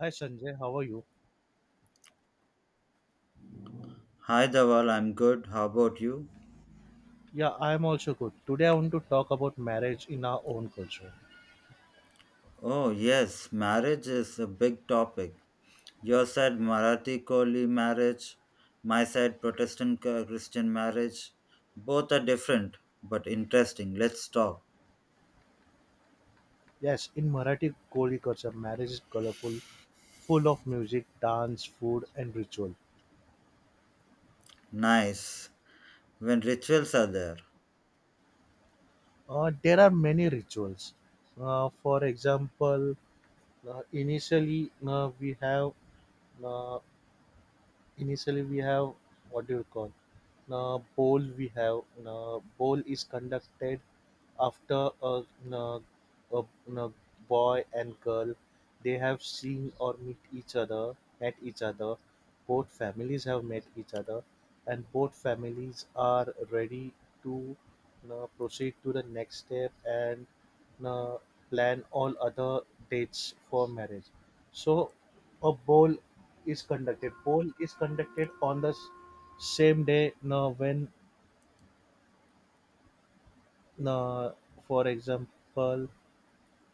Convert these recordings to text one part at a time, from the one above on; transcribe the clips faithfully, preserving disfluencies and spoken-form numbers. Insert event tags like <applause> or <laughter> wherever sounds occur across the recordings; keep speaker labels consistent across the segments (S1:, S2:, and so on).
S1: Hi Sanjay, how are you?
S2: Hi, Dawal. I'm good. How about you?
S1: Yeah, I'm also good. Today I want to talk about marriage in our own culture.
S2: Oh, yes. Marriage is a big topic. Your side, Marathi Koli marriage. My side, Protestant uh, Christian marriage. Both are different, but interesting. Let's talk.
S1: Yes, in Marathi Koli culture, marriage is colorful, full of music, dance, food, and ritual.
S2: Nice. When rituals are there.
S1: Uh, there are many rituals. Uh, for example, uh, initially uh, we have uh, initially we have what do you call na bowl, we have na bowl is conducted after a, na a, na boy and girl they have seen or meet each other met each other, both families have met each other and both families are ready to na proceed to the next step and na plan all other dates for marriage, so a bowl is conducted. Poll is conducted on the s- same day. Now, when, uh, for example,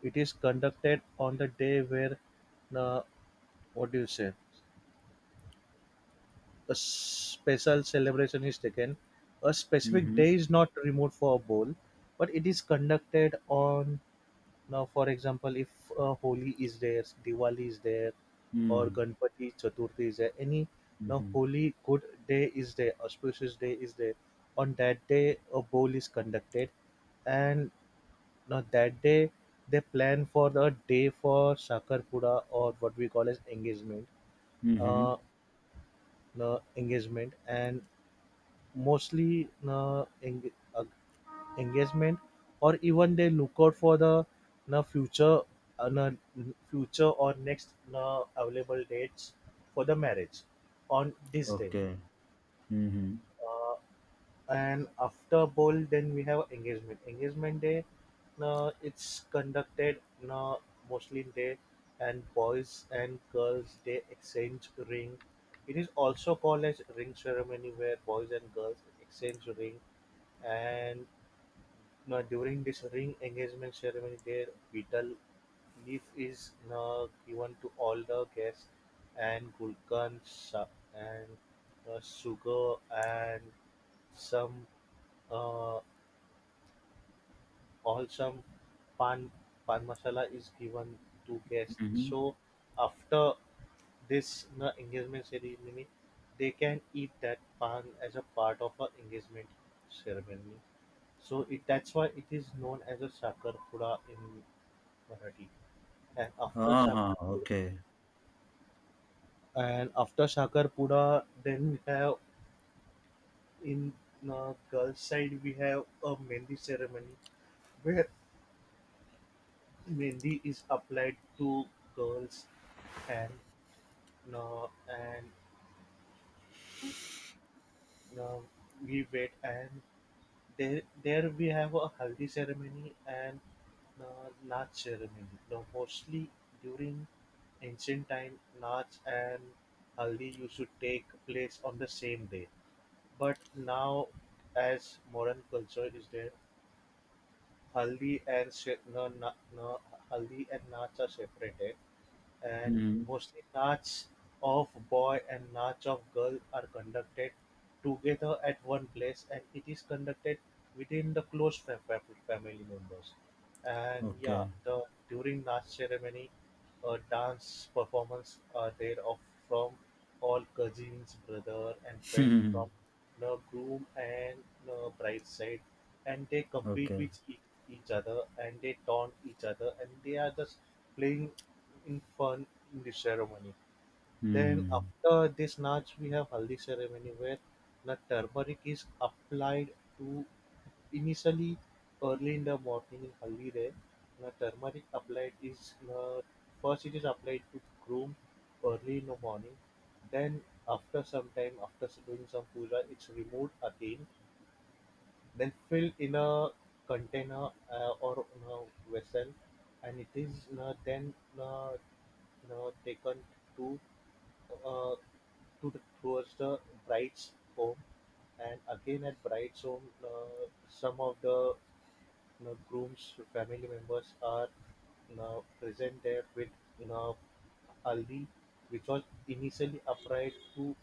S1: it is conducted on the day where, uh, what do you say, a special celebration is taken. A specific
S2: Mm-hmm.
S1: day is not removed for a poll, but it is conducted on. Now, for example, if uh, Holi is there, Diwali is there, or
S2: Mm-hmm.
S1: Ganpati Chaturthi is there, any now
S2: Mm-hmm.
S1: holy good day is there, auspicious day is there. On that day, a bowl is conducted, and now that day they plan for the day for Sakarpura, or what we call as engagement, uh,
S2: Mm-hmm.
S1: no, engagement, and mostly no, eng- uh, engagement, or even they look out for the na future uh, na future or next na available dates for the marriage on this day,
S2: Okay. Mm-hmm.
S1: uh, and after bowl then we have engagement engagement day, na it's conducted, na mostly day, and boys and girls they exchange ring. It is also called as ring ceremony, where boys and girls exchange ring. And now during this ring engagement ceremony, their betel leaf is uh, given to all the guests, and gulcan and uh, sugar and some uh, all some pan pan masala is given to guests.
S2: Mm-hmm.
S1: So after this na engagement ceremony, they can eat that pan as a part of a engagement ceremony. So it that's why it is known as a Sakarpura in Marathi. And after
S2: Ah,
S1: Sakarpura,
S2: okay.
S1: and after Sakarpura, then we have in uh, girls side we have a Mendi ceremony where Mendi is applied to girls and uh, and uh, we wait and There, there we have a haldi ceremony and uh, Naach ceremony. Now, mostly during ancient time, Naach and haldi used to take place on the same day. But now, as modern culture is there, haldi and se- no, na, no, haldi and Naach are separated, and
S2: Mm-hmm.
S1: mostly Naches of boy and Nach of girl are conducted together at one place, and it is conducted within the close fa- fa- family members. And yeah,
S2: Okay.
S1: the during Nach ceremony, a dance performance are there of from all cousins, brother and friends from
S2: <laughs>
S1: the groom and the bride side, and they compete
S2: Okay.
S1: with each, each other, and they taunt each other, and they are just playing in fun in the ceremony. Then
S2: Mm-hmm.
S1: after this Nach we have Haldi ceremony, where the turmeric is applied to initially early in the morning in Haldi day. The turmeric applied is uh, first it is applied to groom early in the morning. Then after some time, after doing some puja, it's removed again, then filled in a container uh, or in a vessel, and it is uh, then uh, uh, taken to uh, to the, towards the bride's home, and again at bride's home, uh, some of the the groom's family members are now present there with now haldi, which was initially applied to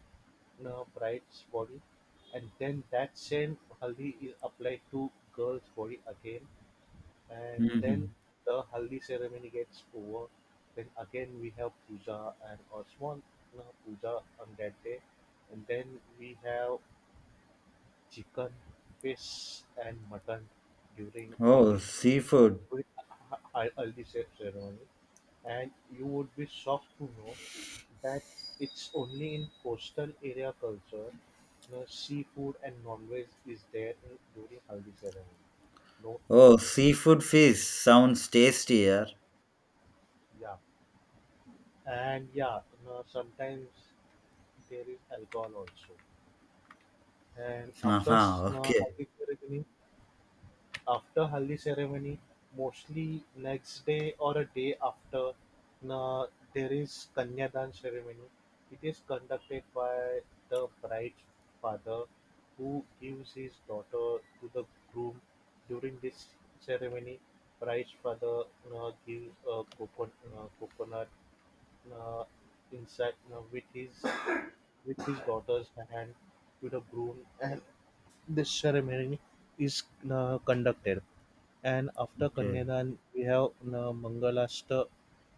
S1: the bride's body, and then that same haldi is applied to girl's body again, and then
S2: Mm-hmm.
S1: the haldi ceremony gets over. Then again we have puja and a small uh, puja on that day, and then we have chicken, fish, and mutton during
S2: Oh,
S1: engagement
S2: seafood.
S1: with ha- haldi ce- ceremony, and you would be shocked to know that it's only in coastal area culture, you know, seafood and non-veg is there in, during haldi ceremony. No,
S2: Oh, seafood fish sounds tastier.
S1: yeah, and yeah, you know, sometimes there is alcohol also. And after s-
S2: Aha,
S1: you know,
S2: okay.
S1: haldi ceremony, after haldi ceremony, mostly next day or a day after, na there is Kanyadan ceremony. It is conducted by the bride's father, who gives his daughter to the groom. During this ceremony, bride's father uh, gives a coconut, uh, coconut uh, inside uh, with his with his daughter's hand to the groom, and the ceremony is uh, conducted. And after
S2: Okay.
S1: Kanyadan, we have uh, Mangalashtra,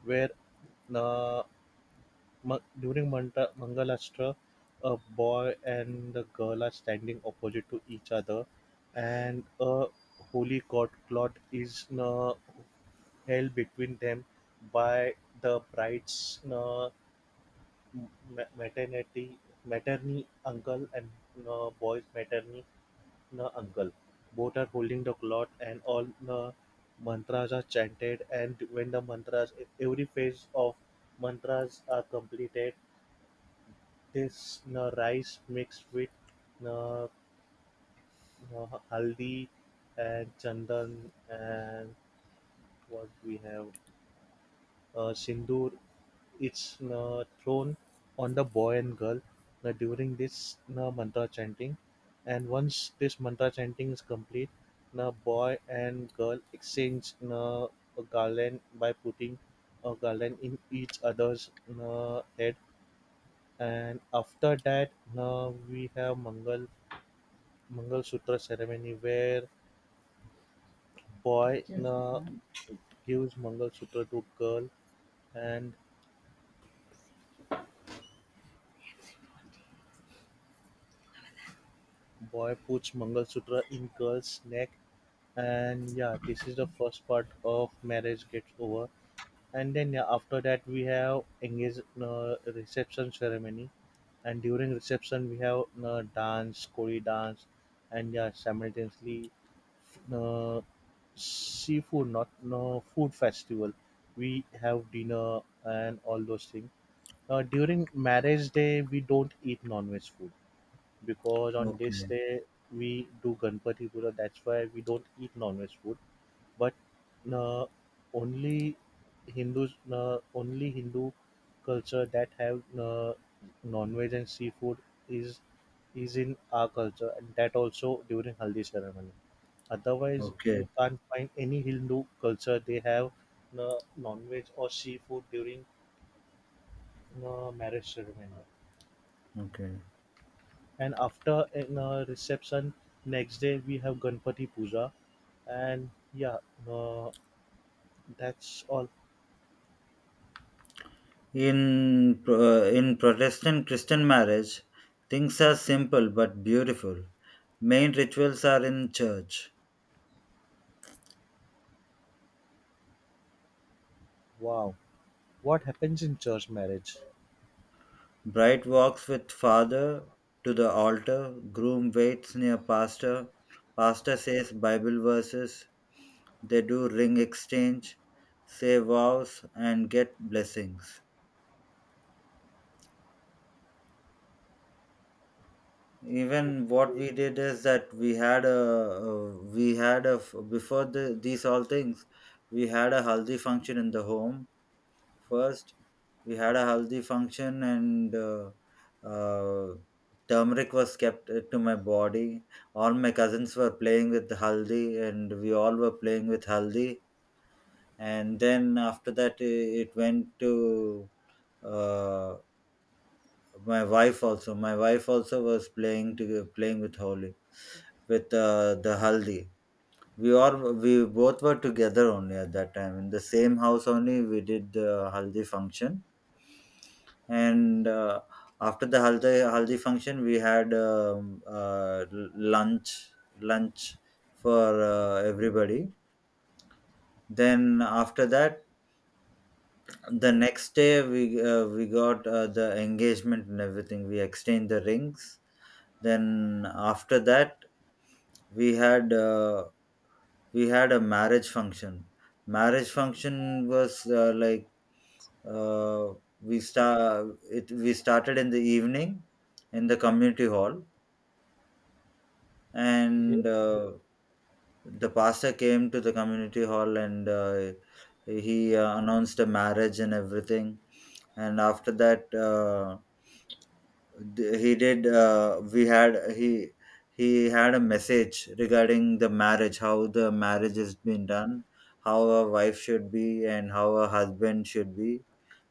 S1: where uh, ma- during Manta- Mangalashtra, a boy and a girl are standing opposite to each other, and a holy god clot is uh, held between them by the bride's uh, ma- maternity maternity uncle and uh, boy's maternity na uncle. Both are holding the cloth, and all the mantras are chanted, and when the mantras every phase of mantras are completed, this na rice mixed with na, na haldi and chandan and what we have uh, sindoor, it's uh, thrown on the boy and girl uh, during this uh, mantra chanting, and once this mantra chanting is complete, the boy and girl exchange uh, a garland by putting a garland in each other's uh, head, and after that uh, we have mangal mangal sutra ceremony, where boy uh, gives mangal sutra to girl, and boy puts mangalsutra in girl's neck. And yeah, this is the first part of marriage gets over. And then yeah, after that we have engage uh, reception ceremony, and during reception we have uh, dance kori dance, and yeah simultaneously uh, seafood not no food festival, we have dinner and all those things. Uh, during marriage day we don't eat non-veg food because on this
S2: Okay.
S1: day we do Ganpati Puja. That's why we don't eat non-veg food. But uh, only Hindus, uh, only Hindu culture that have uh, non-veg and seafood is is in our culture, and that also during Haldi ceremony. Otherwise, you
S2: Okay.
S1: can't find any Hindu culture they have uh, non-veg or seafood during uh, marriage ceremony.
S2: Okay.
S1: And after in a reception, next day we have Ganpati Puja, and yeah, uh, that's all.
S2: In uh, in Protestant Christian marriage, things are simple but beautiful. Main rituals are in church.
S1: Wow, what happens in church marriage?
S2: Bride walks with father to the altar, groom waits near pastor. Pastor says Bible verses. They do ring exchange, say vows, and get blessings. Even what we did is that we had a uh, we had a f- before the, these all things, we had a haldi function in the home first. We had a haldi function, and uh, uh, turmeric was kept uh, to my body. All my cousins were playing with haldi, and we all were playing with haldi. And then after that, uh, it went to uh, my wife also. My wife also was playing to playing with Holi with uh, the haldi. We all we both were together only at that time in the same house only. We did the haldi function, and uh, after the haldi haldi function, we had um, uh, l- lunch lunch for uh, everybody. Then after that, the next day, we uh, we got uh, the engagement, and everything, we exchanged the rings. Then after that, we had uh, we had a marriage function marriage function was, uh, like, uh, we start it we started in the evening in the community hall.
S1: Okay,
S2: And uh, the pastor came to the community hall, and uh, he uh, announced the marriage and everything. And after that, uh, th- he did. uh, we had he he had a message regarding the marriage, how the marriage has been done, how a wife should be and how a husband should be,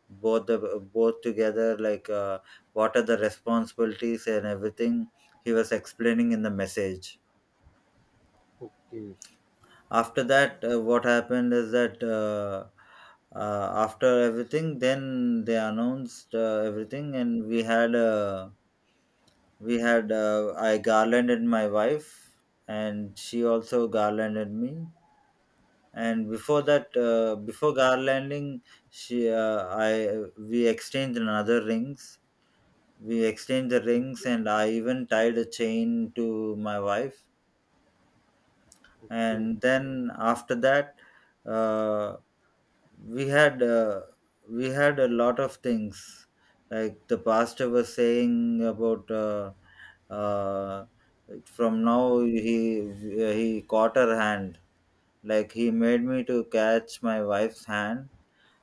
S2: both the both together, like, uh, what are the responsibilities and everything, he was explaining in the message.
S1: okay,
S2: After that, uh, what happened is that, uh, uh, after everything, then they announced uh, everything. And we had a we had uh, I garlanded my wife, and she also garlanded me. And before that, uh, before garlanding, she uh, I we exchanged another rings. We exchanged the rings, and I even tied a chain to my wife.
S1: okay, okay,
S2: And then after that, uh, we had uh, we had a lot of things, like the pastor was saying about, uh, uh, from now, he he caught her hand, like he made me to catch my wife's hand.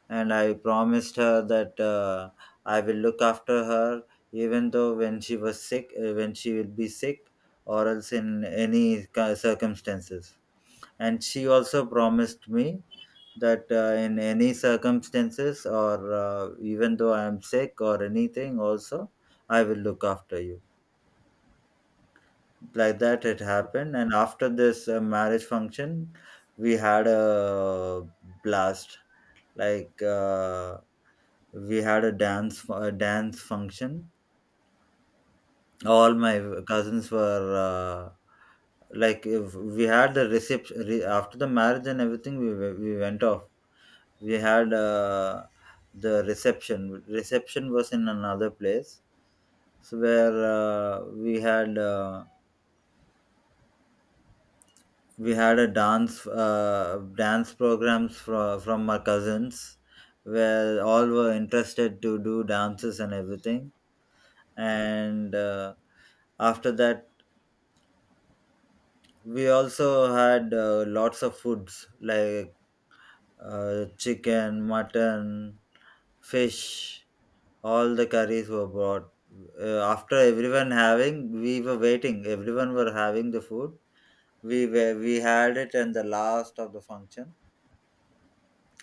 S2: And I promised her that, uh, I will look after her even though when she was sick, uh, when she will be sick or else in any ca- circumstances. And she also promised me that, uh, in any circumstances, or, uh, even though I am sick or anything, also, I will look after you. Like that, it happened. And after this uh, marriage function, we had a blast. Like, uh, we had a dance, a dance function. All my cousins were. Uh, like if we had the reception re- after the marriage and everything, we, we went off. We had uh, the reception reception was in another place, so where, uh, we had uh, we had a dance, uh, dance programs from from our cousins, where all were interested to do dances and everything. And uh, after that, we also had uh, lots of foods, like uh, chicken, mutton, fish, all the curries were brought. Uh, after everyone having, we were waiting, everyone were having the food, we were, we had it in the last of the function,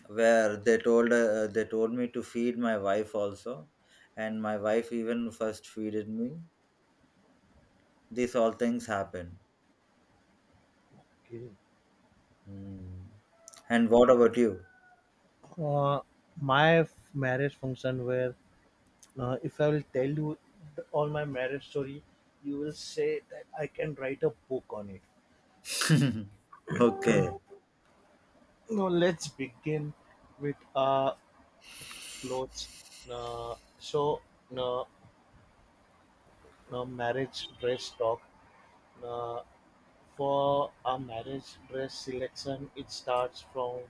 S2: where they told uh, they told me to feed my wife also. And my wife even first feeded me. These all things happened.
S1: okay.
S2: Hmm. And what about you?
S1: uh, my f- marriage function where uh, if I will tell you th- all my marriage story, you will say that I can write a book on it.
S2: <laughs> Okay.
S1: Now let's begin with uh, clothes. Uh, so uh, Now marriage dress talk: now for a marriage dress selection, it starts from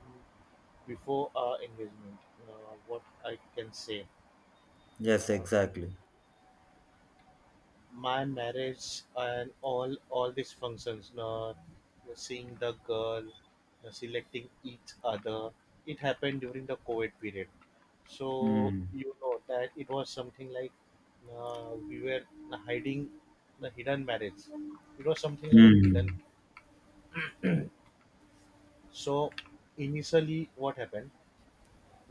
S1: before our engagement. Uh, what I can say,
S2: Yes,
S1: uh,
S2: exactly.
S1: my marriage and all all these functions, uh, seeing the girl, uh, selecting each other, it happened during the COVID period. So
S2: Hmm.
S1: you know that it was something like uh, we were hiding the hidden marriage. It was something like an hidden.
S2: Hmm.
S1: So initially, what happened?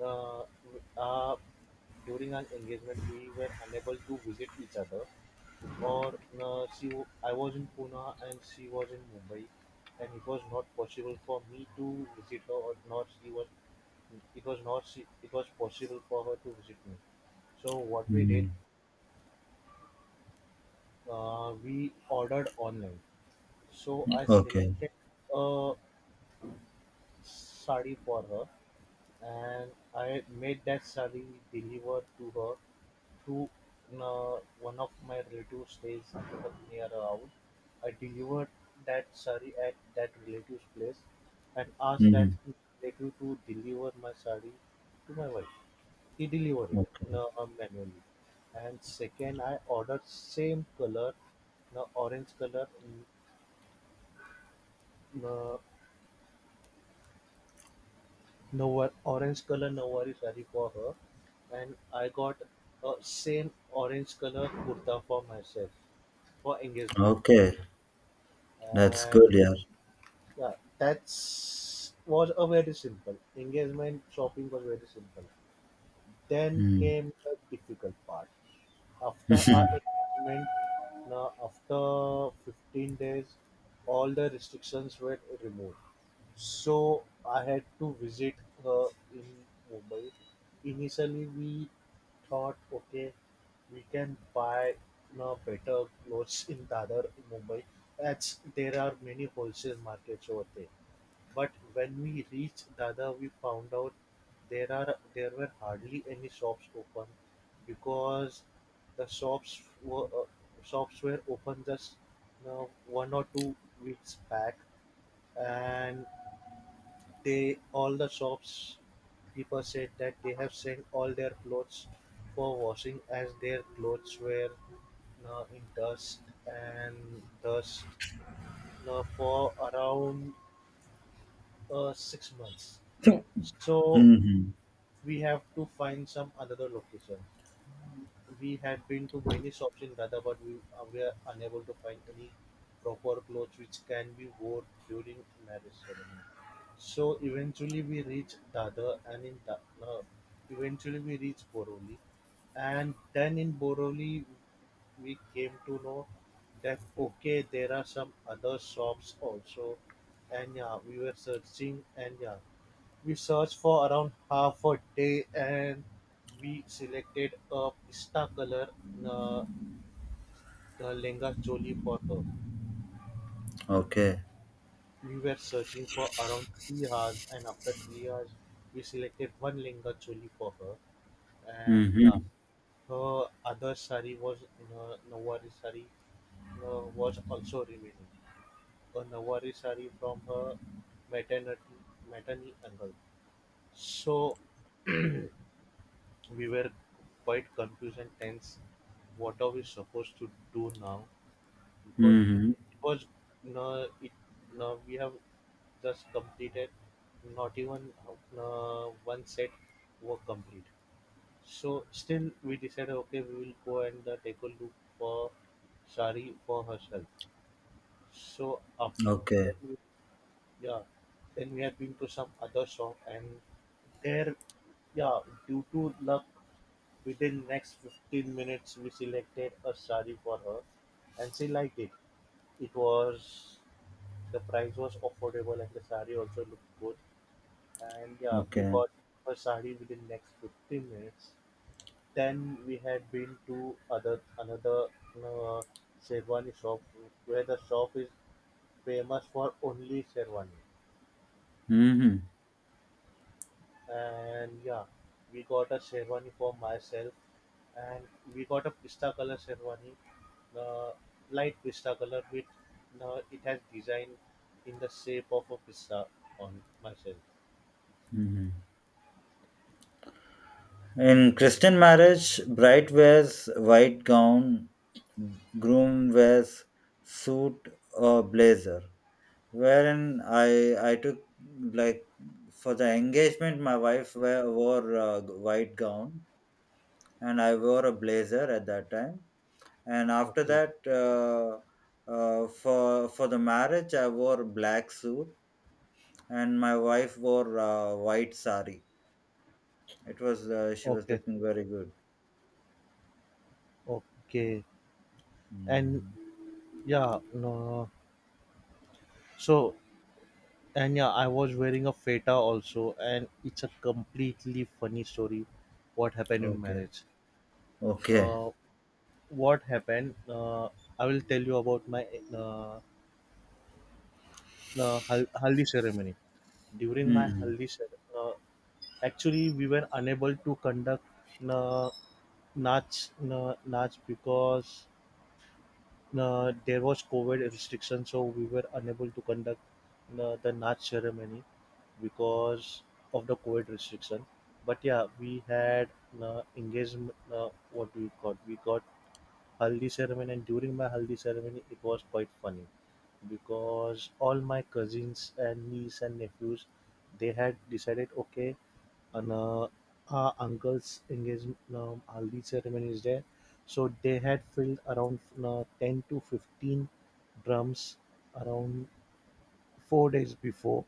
S1: Uh, uh, During our engagement, we were unable to visit each other. Or uh, she, w- I was in Pune and she was in Mumbai, and it was not possible for me to visit her, or not she was. It was not she, it was possible for her to visit me. So what we did,
S2: Hmm.
S1: uh, we ordered online. So I
S2: Okay.
S1: selected a sari for her, and I made that sari delivered to her through uh, one of my relatives stays near our house. I delivered that sari at that relative's place and asked that
S2: Hmm.
S1: relative to deliver my sari to my wife. He delivered it
S2: Okay.
S1: uh, manually. And second, I ordered same color, no orange color, n- no, no wor- orange color Nawari sari for her, and I got a same orange color kurta for myself for engagement.
S2: Okay. That's good,
S1: And
S2: yeah.
S1: yeah, that's was a very simple engagement. Shopping was very simple. Then
S2: Mm.
S1: came the difficult part after our
S2: <laughs>
S1: engagement, now after fifteen days, all the restrictions were removed. So I had to visit her in Mumbai. Initially, we thought, okay, we can buy now better clothes in Dadar, Mumbai, as there are many wholesale markets over there. But when we reached Dada we found out there are there were hardly any shops open because the shops were uh, shops were open just now one or two weeks back, and they all the shops keeper said that they have sent all their clothes for washing as their clothes were uh, in dust and dust uh, for around uh, six months. So
S2: Mhm.
S1: we have to find some another location. We had been to many shops in Lada, but we uh, were unable to find any proper clothes which can be worn during marriage ceremony. So eventually we reached Dada, and in da- uh, eventually we reached Boroli, and then in Boroli we came to know that okay there are some other shops also, and yeah we were searching, and yeah we searched for around half a day, and we selected a pista color, uh, the Lenga Choli for her.
S2: Okay.
S1: We were searching for around three hours, and after three hours we selected one Lenga Choli for her. and yeah,
S2: Mhm.
S1: Her other sari was, you know, Nawari sari uh, was also remaining. A Nawari sari from her maternity, maternity angle. So we were quite confused and tense. What are we supposed to do now? Because it,
S2: Mhm.
S1: it was no, it no. We have just completed not even uh, one set were complete. So still we decided, okay, we will go and uh, take a look for Sari for herself. So after then
S2: Okay.
S1: we, yeah, then we had been to some other shop and there yeah due to luck, within next fifteen minutes we selected a sari for her, and she liked it. It was the price was affordable and the sari also looked good. And yeah, we
S2: Okay.
S1: got her sari within next fifteen minutes. Then we had been to other another uh, Sherwani shop where the shop is famous for only Sherwani.
S2: Mhm.
S1: And yeah, we got a sherwani for myself, and we got a pista color sherwani, uh, light pista color with uh, it has design in the shape of a pista on myself.
S2: Mhm. In Christian marriage, bride wears white gown, groom wears suit or blazer. Wherein I I took, like, for the engagement, my wife wear, wore a white gown, and I wore a blazer at that time. And after
S1: Okay,
S2: that, uh, uh, for for the marriage, I wore black suit. And my wife wore uh, white sari. It was uh, She was
S1: okay,
S2: looking very good.
S1: okay. and
S2: Mm.
S1: yeah no so and yeah, I was wearing a feta also, and it's a completely funny story what happened in
S2: Okay.
S1: marriage.
S2: Okay.
S1: Uh what happened uh I will tell you about my uh, uh, hal- haldi ceremony. During my
S2: Mm.
S1: haldi ceremony, uh, actually we were unable to conduct uh, nach uh, nach because uh, there was COVID restriction, so we were unable to conduct uh, the nach ceremony because of the COVID restriction. But yeah, we had uh, engagement. Uh, what we got, we got haldi ceremony, and during my haldi ceremony it was quite funny because all my cousins and niece and nephews, they had decided, okay, and uh, our uncle's engagement, um, haldi ceremony is there. So they had filled around uh, ten to fifteen drums around four days before.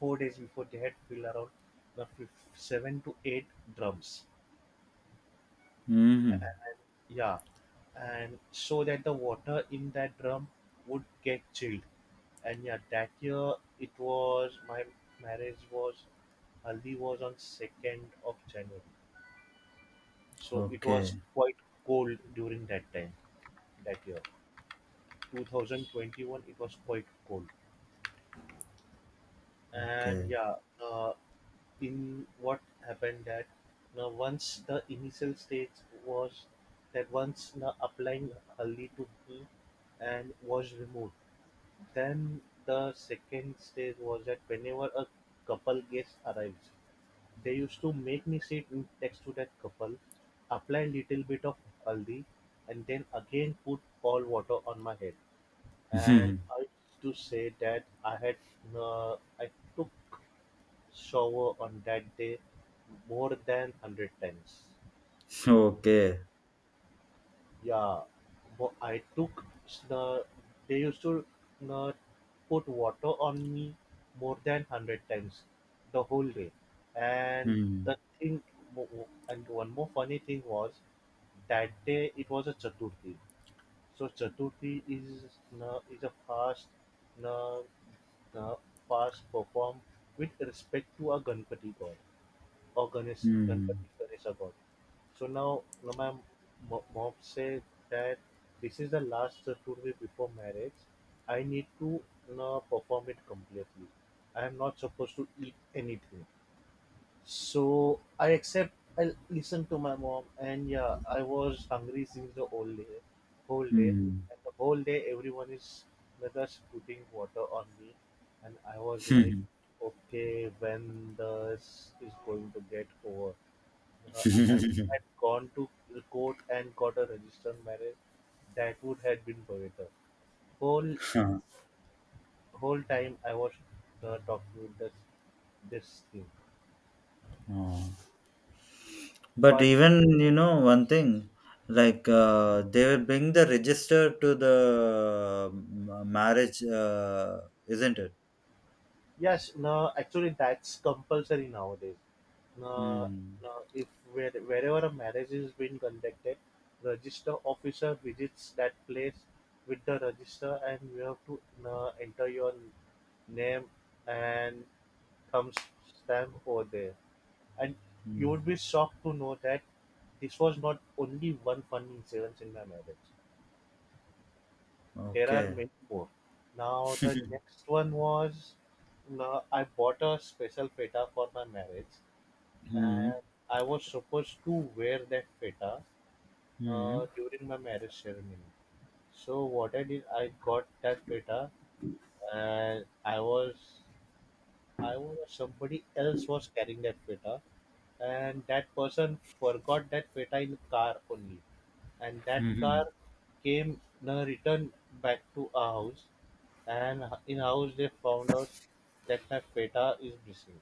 S1: Four days before, they had filled around uh, fif- seven to eight drums.
S2: Hmm.
S1: Yeah, and so that the water in that drum would get chilled. And yeah, that year it was my marriage was Haldi was on second of January, so it was
S2: Okay.
S1: quite cold during that time that year. twenty twenty-one, it was quite cold. And
S2: Okay.
S1: yeah, uh, in what happened that now once the initial stage was that, once now, applying haldi to me and was removed. Then the second stage was that whenever a couple guest arrives, they used to make me sit in next to that couple, apply little bit of haldi, and then again put cold water on my head. And I
S2: <laughs>
S1: used to say that I had uh, I took shower on that day more than hundred times.
S2: Okay.
S1: Yeah, but I took s- the they used to uh, put water on me more than hundred times the whole day. And
S2: Mm.
S1: the thing w- w- and one more funny thing was that day it was a Chaturthi. So Chaturthi is uh, is a fast, uh, uh, fast performed with respect to a Ganpati god, or Ganesh,
S2: Mm.
S1: Ganpati Ganesha god. So now, now my mo- mom said that this is the last Chaturthi before marriage. I need to, you know, perform it completely. I am not supposed to eat anything. So I accept. I listened to my mom, and yeah, I was hungry since the whole day, whole day,
S2: Mm.
S1: and the whole day everyone is whether putting water on me, and I was like, okay, when this is going to get over? Uh, I would had gone to the court and got a registered marriage. That would have been better. Whole
S2: <laughs> Huh.
S1: whole time I was uh, talking with this this thing,
S2: Oh. But
S1: but
S2: even, you know one thing, like, uh, they will bring the register to the um, uh, marriage, uh, isn't it?
S1: yes, no, actually that's compulsory nowadays. No,
S2: Hmm.
S1: no, if where, wherever a marriage is being conducted, register officer visits that place with the register, and you have to, no, enter your name and thumb stamp over there. And you
S2: Hmm.
S1: would be shocked to know that this was not only one funny incident in my marriage. There are
S2: Okay.
S1: many more. Now the next one was, no, I bought a special feta for my marriage,
S2: Hmm.
S1: and I was supposed to wear that feta uh,
S2: Hmm.
S1: during my marriage ceremony. So what I did, I got that feta, and I was, I was somebody else was carrying that feta, and that person forgot that feta in car only, and that
S2: Hmm.
S1: car came, uh, returned back to our house. And in-house they found out that my feta is missing.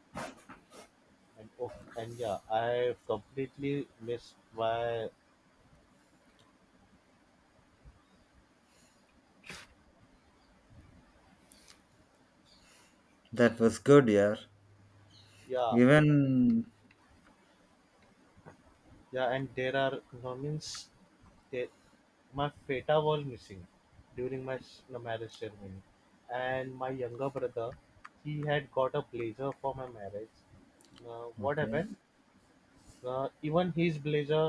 S1: And oh, and yeah, I completely missed my,
S2: That was good, yeah.
S1: yeah,
S2: Even.
S1: yeah. And there are no means that my feta was missing during my s- marriage ceremony, and my younger brother, he had got a blazer for my marriage. Now, what
S2: Okay.
S1: happened? Uh, even his blazer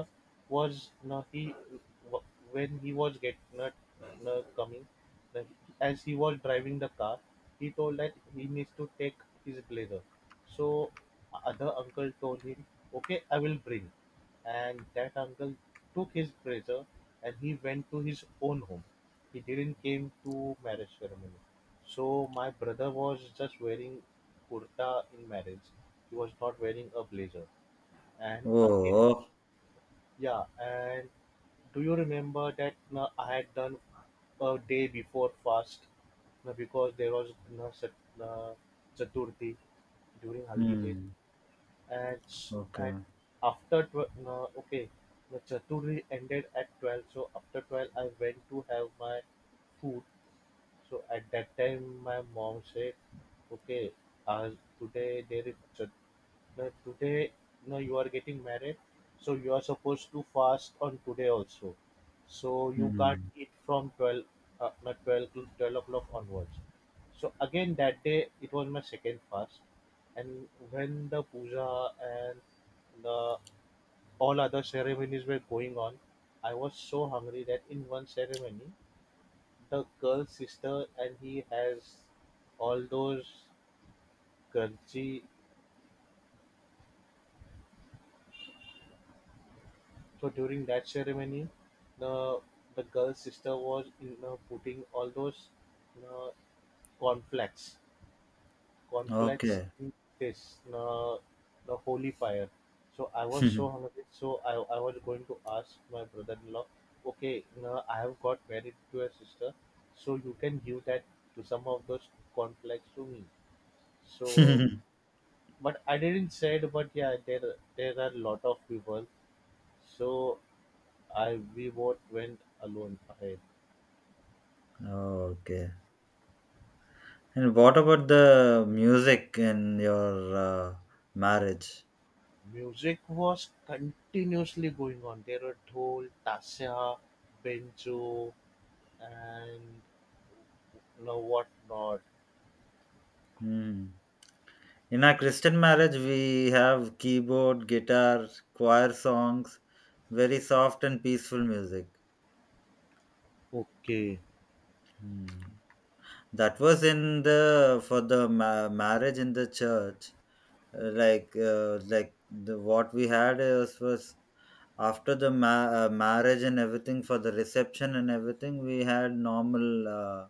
S1: was na he w- when he was get not na coming the, as he was driving the car, he told that he needs to take his blazer. So other uncle told him, okay, I will bring. And that uncle took his blazer and he went to his own home. He didn't came to marriage ceremony, so my brother was just wearing kurta in marriage. He was not wearing a blazer. And again,
S2: Oh.
S1: yeah. And do you remember that uh, I had done a day before fast uh, because there was uh, Sat- uh, Chaturthi during Haldi day?
S2: Hmm.
S1: And, s- and
S2: Okay.
S1: after tw- uh, okay, the Chaturthi ended at twelve. So after twelve, I went to have my food. So at that time, my mom said, "Okay, uh, today there is Chaturthi, that today, you know, you are getting married, so you are supposed to fast on today also, so you can't
S2: Hmm.
S1: eat from twelve, uh, not twelve to twelve o'clock onwards." So again that day it was my second fast. And when the puja and the all other ceremonies were going on, I was so hungry that in one ceremony, the girl's sister and he has all those crunchy so during that ceremony, the the girl's sister was, you know, putting all those, you know, cornflakes, cornflakes
S2: Okay.
S1: in this, you know, the holy fire. So I was so
S2: <laughs>
S1: hungry, so I, I was going to ask my brother-in-law, okay, you know, I have got married to a sister, so you can give that to some of those cornflakes to me. So, but I didn't say it, but yeah, there there are a lot of people. So I, we both went alone. I,
S2: Okay. And what about the music in your uh, marriage?
S1: music was continuously going on. There were Dhol, Tasya, Benjo, and no what not.
S2: Hmm. In our Christian marriage, we have keyboard, guitar, choir songs, very soft and peaceful music.
S1: Okay,
S2: Hmm. That was in the for the ma- marriage in the church. Uh, like uh, like the what we had is was after the ma- uh, marriage and everything. For the reception and everything, we had normal uh,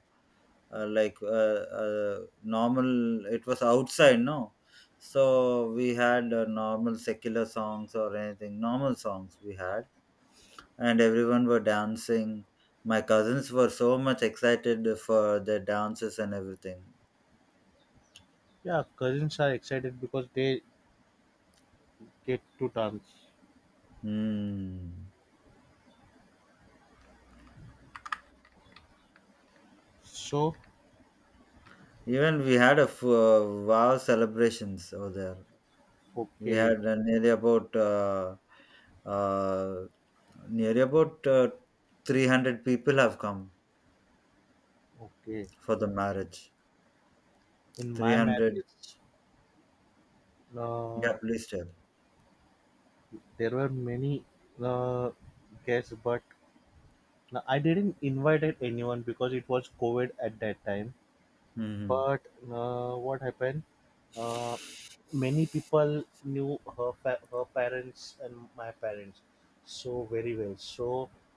S2: uh, like uh, uh, normal. It was outside, no. So we had uh, normal secular songs, or anything, normal songs we had. And everyone were dancing. My cousins were so much excited for their dances and everything.
S1: yeah, cousins are excited because they get to dance.
S2: Hmm.
S1: So
S2: Even we had a f- uh, wow celebrations over there. We
S1: okay,
S2: had uh, nearly about uh, uh, nearly about uh, three hundred people have come
S1: okay.
S2: for the marriage.
S1: In my
S2: three hundred.
S1: marriage, uh,
S2: Yeah, please tell.
S1: there were many uh, guests, but no, I didn't invite anyone because it was COVID at that time.
S2: Mm-hmm.
S1: But uh, what happened? Uh, Many people knew her fa- her parents and my parents so very well. So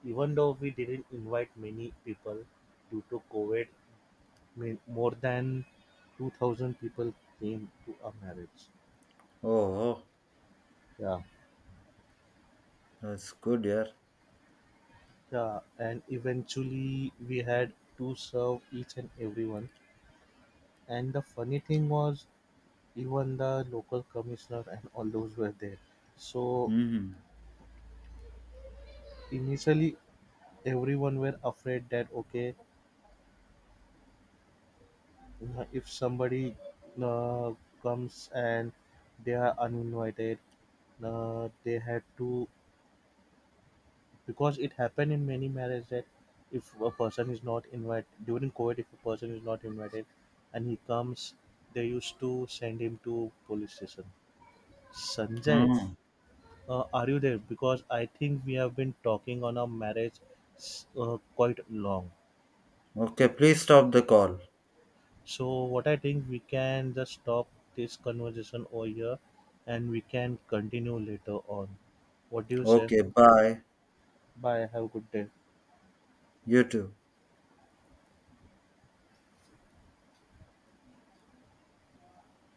S1: even though we didn't invite many people due to COVID, ma- more than two thousand people came to our marriage.
S2: Oh, oh,
S1: Yeah,
S2: that's good, yeah.
S1: yeah, and eventually we had to serve each and everyone. And the funny thing was, even the local commissioner and all those were there. So
S2: Mm-hmm.
S1: initially everyone were afraid that, okay, uh, if somebody uh, comes and they are uninvited, uh, they had to, because it happened in many marriages that if a person is not invited during covid, if a person is not invited and he comes, they used to send him to police station. Sanjay,
S2: Oh.
S1: uh, are you there? Because I think we have been talking on our marriage s- uh, quite long.
S2: Okay, please stop the call.
S1: So what I think, we can just stop this conversation over here and we can continue later on. What do you say?
S2: Okay, bye.
S1: Bye. Have a good day.
S2: You too.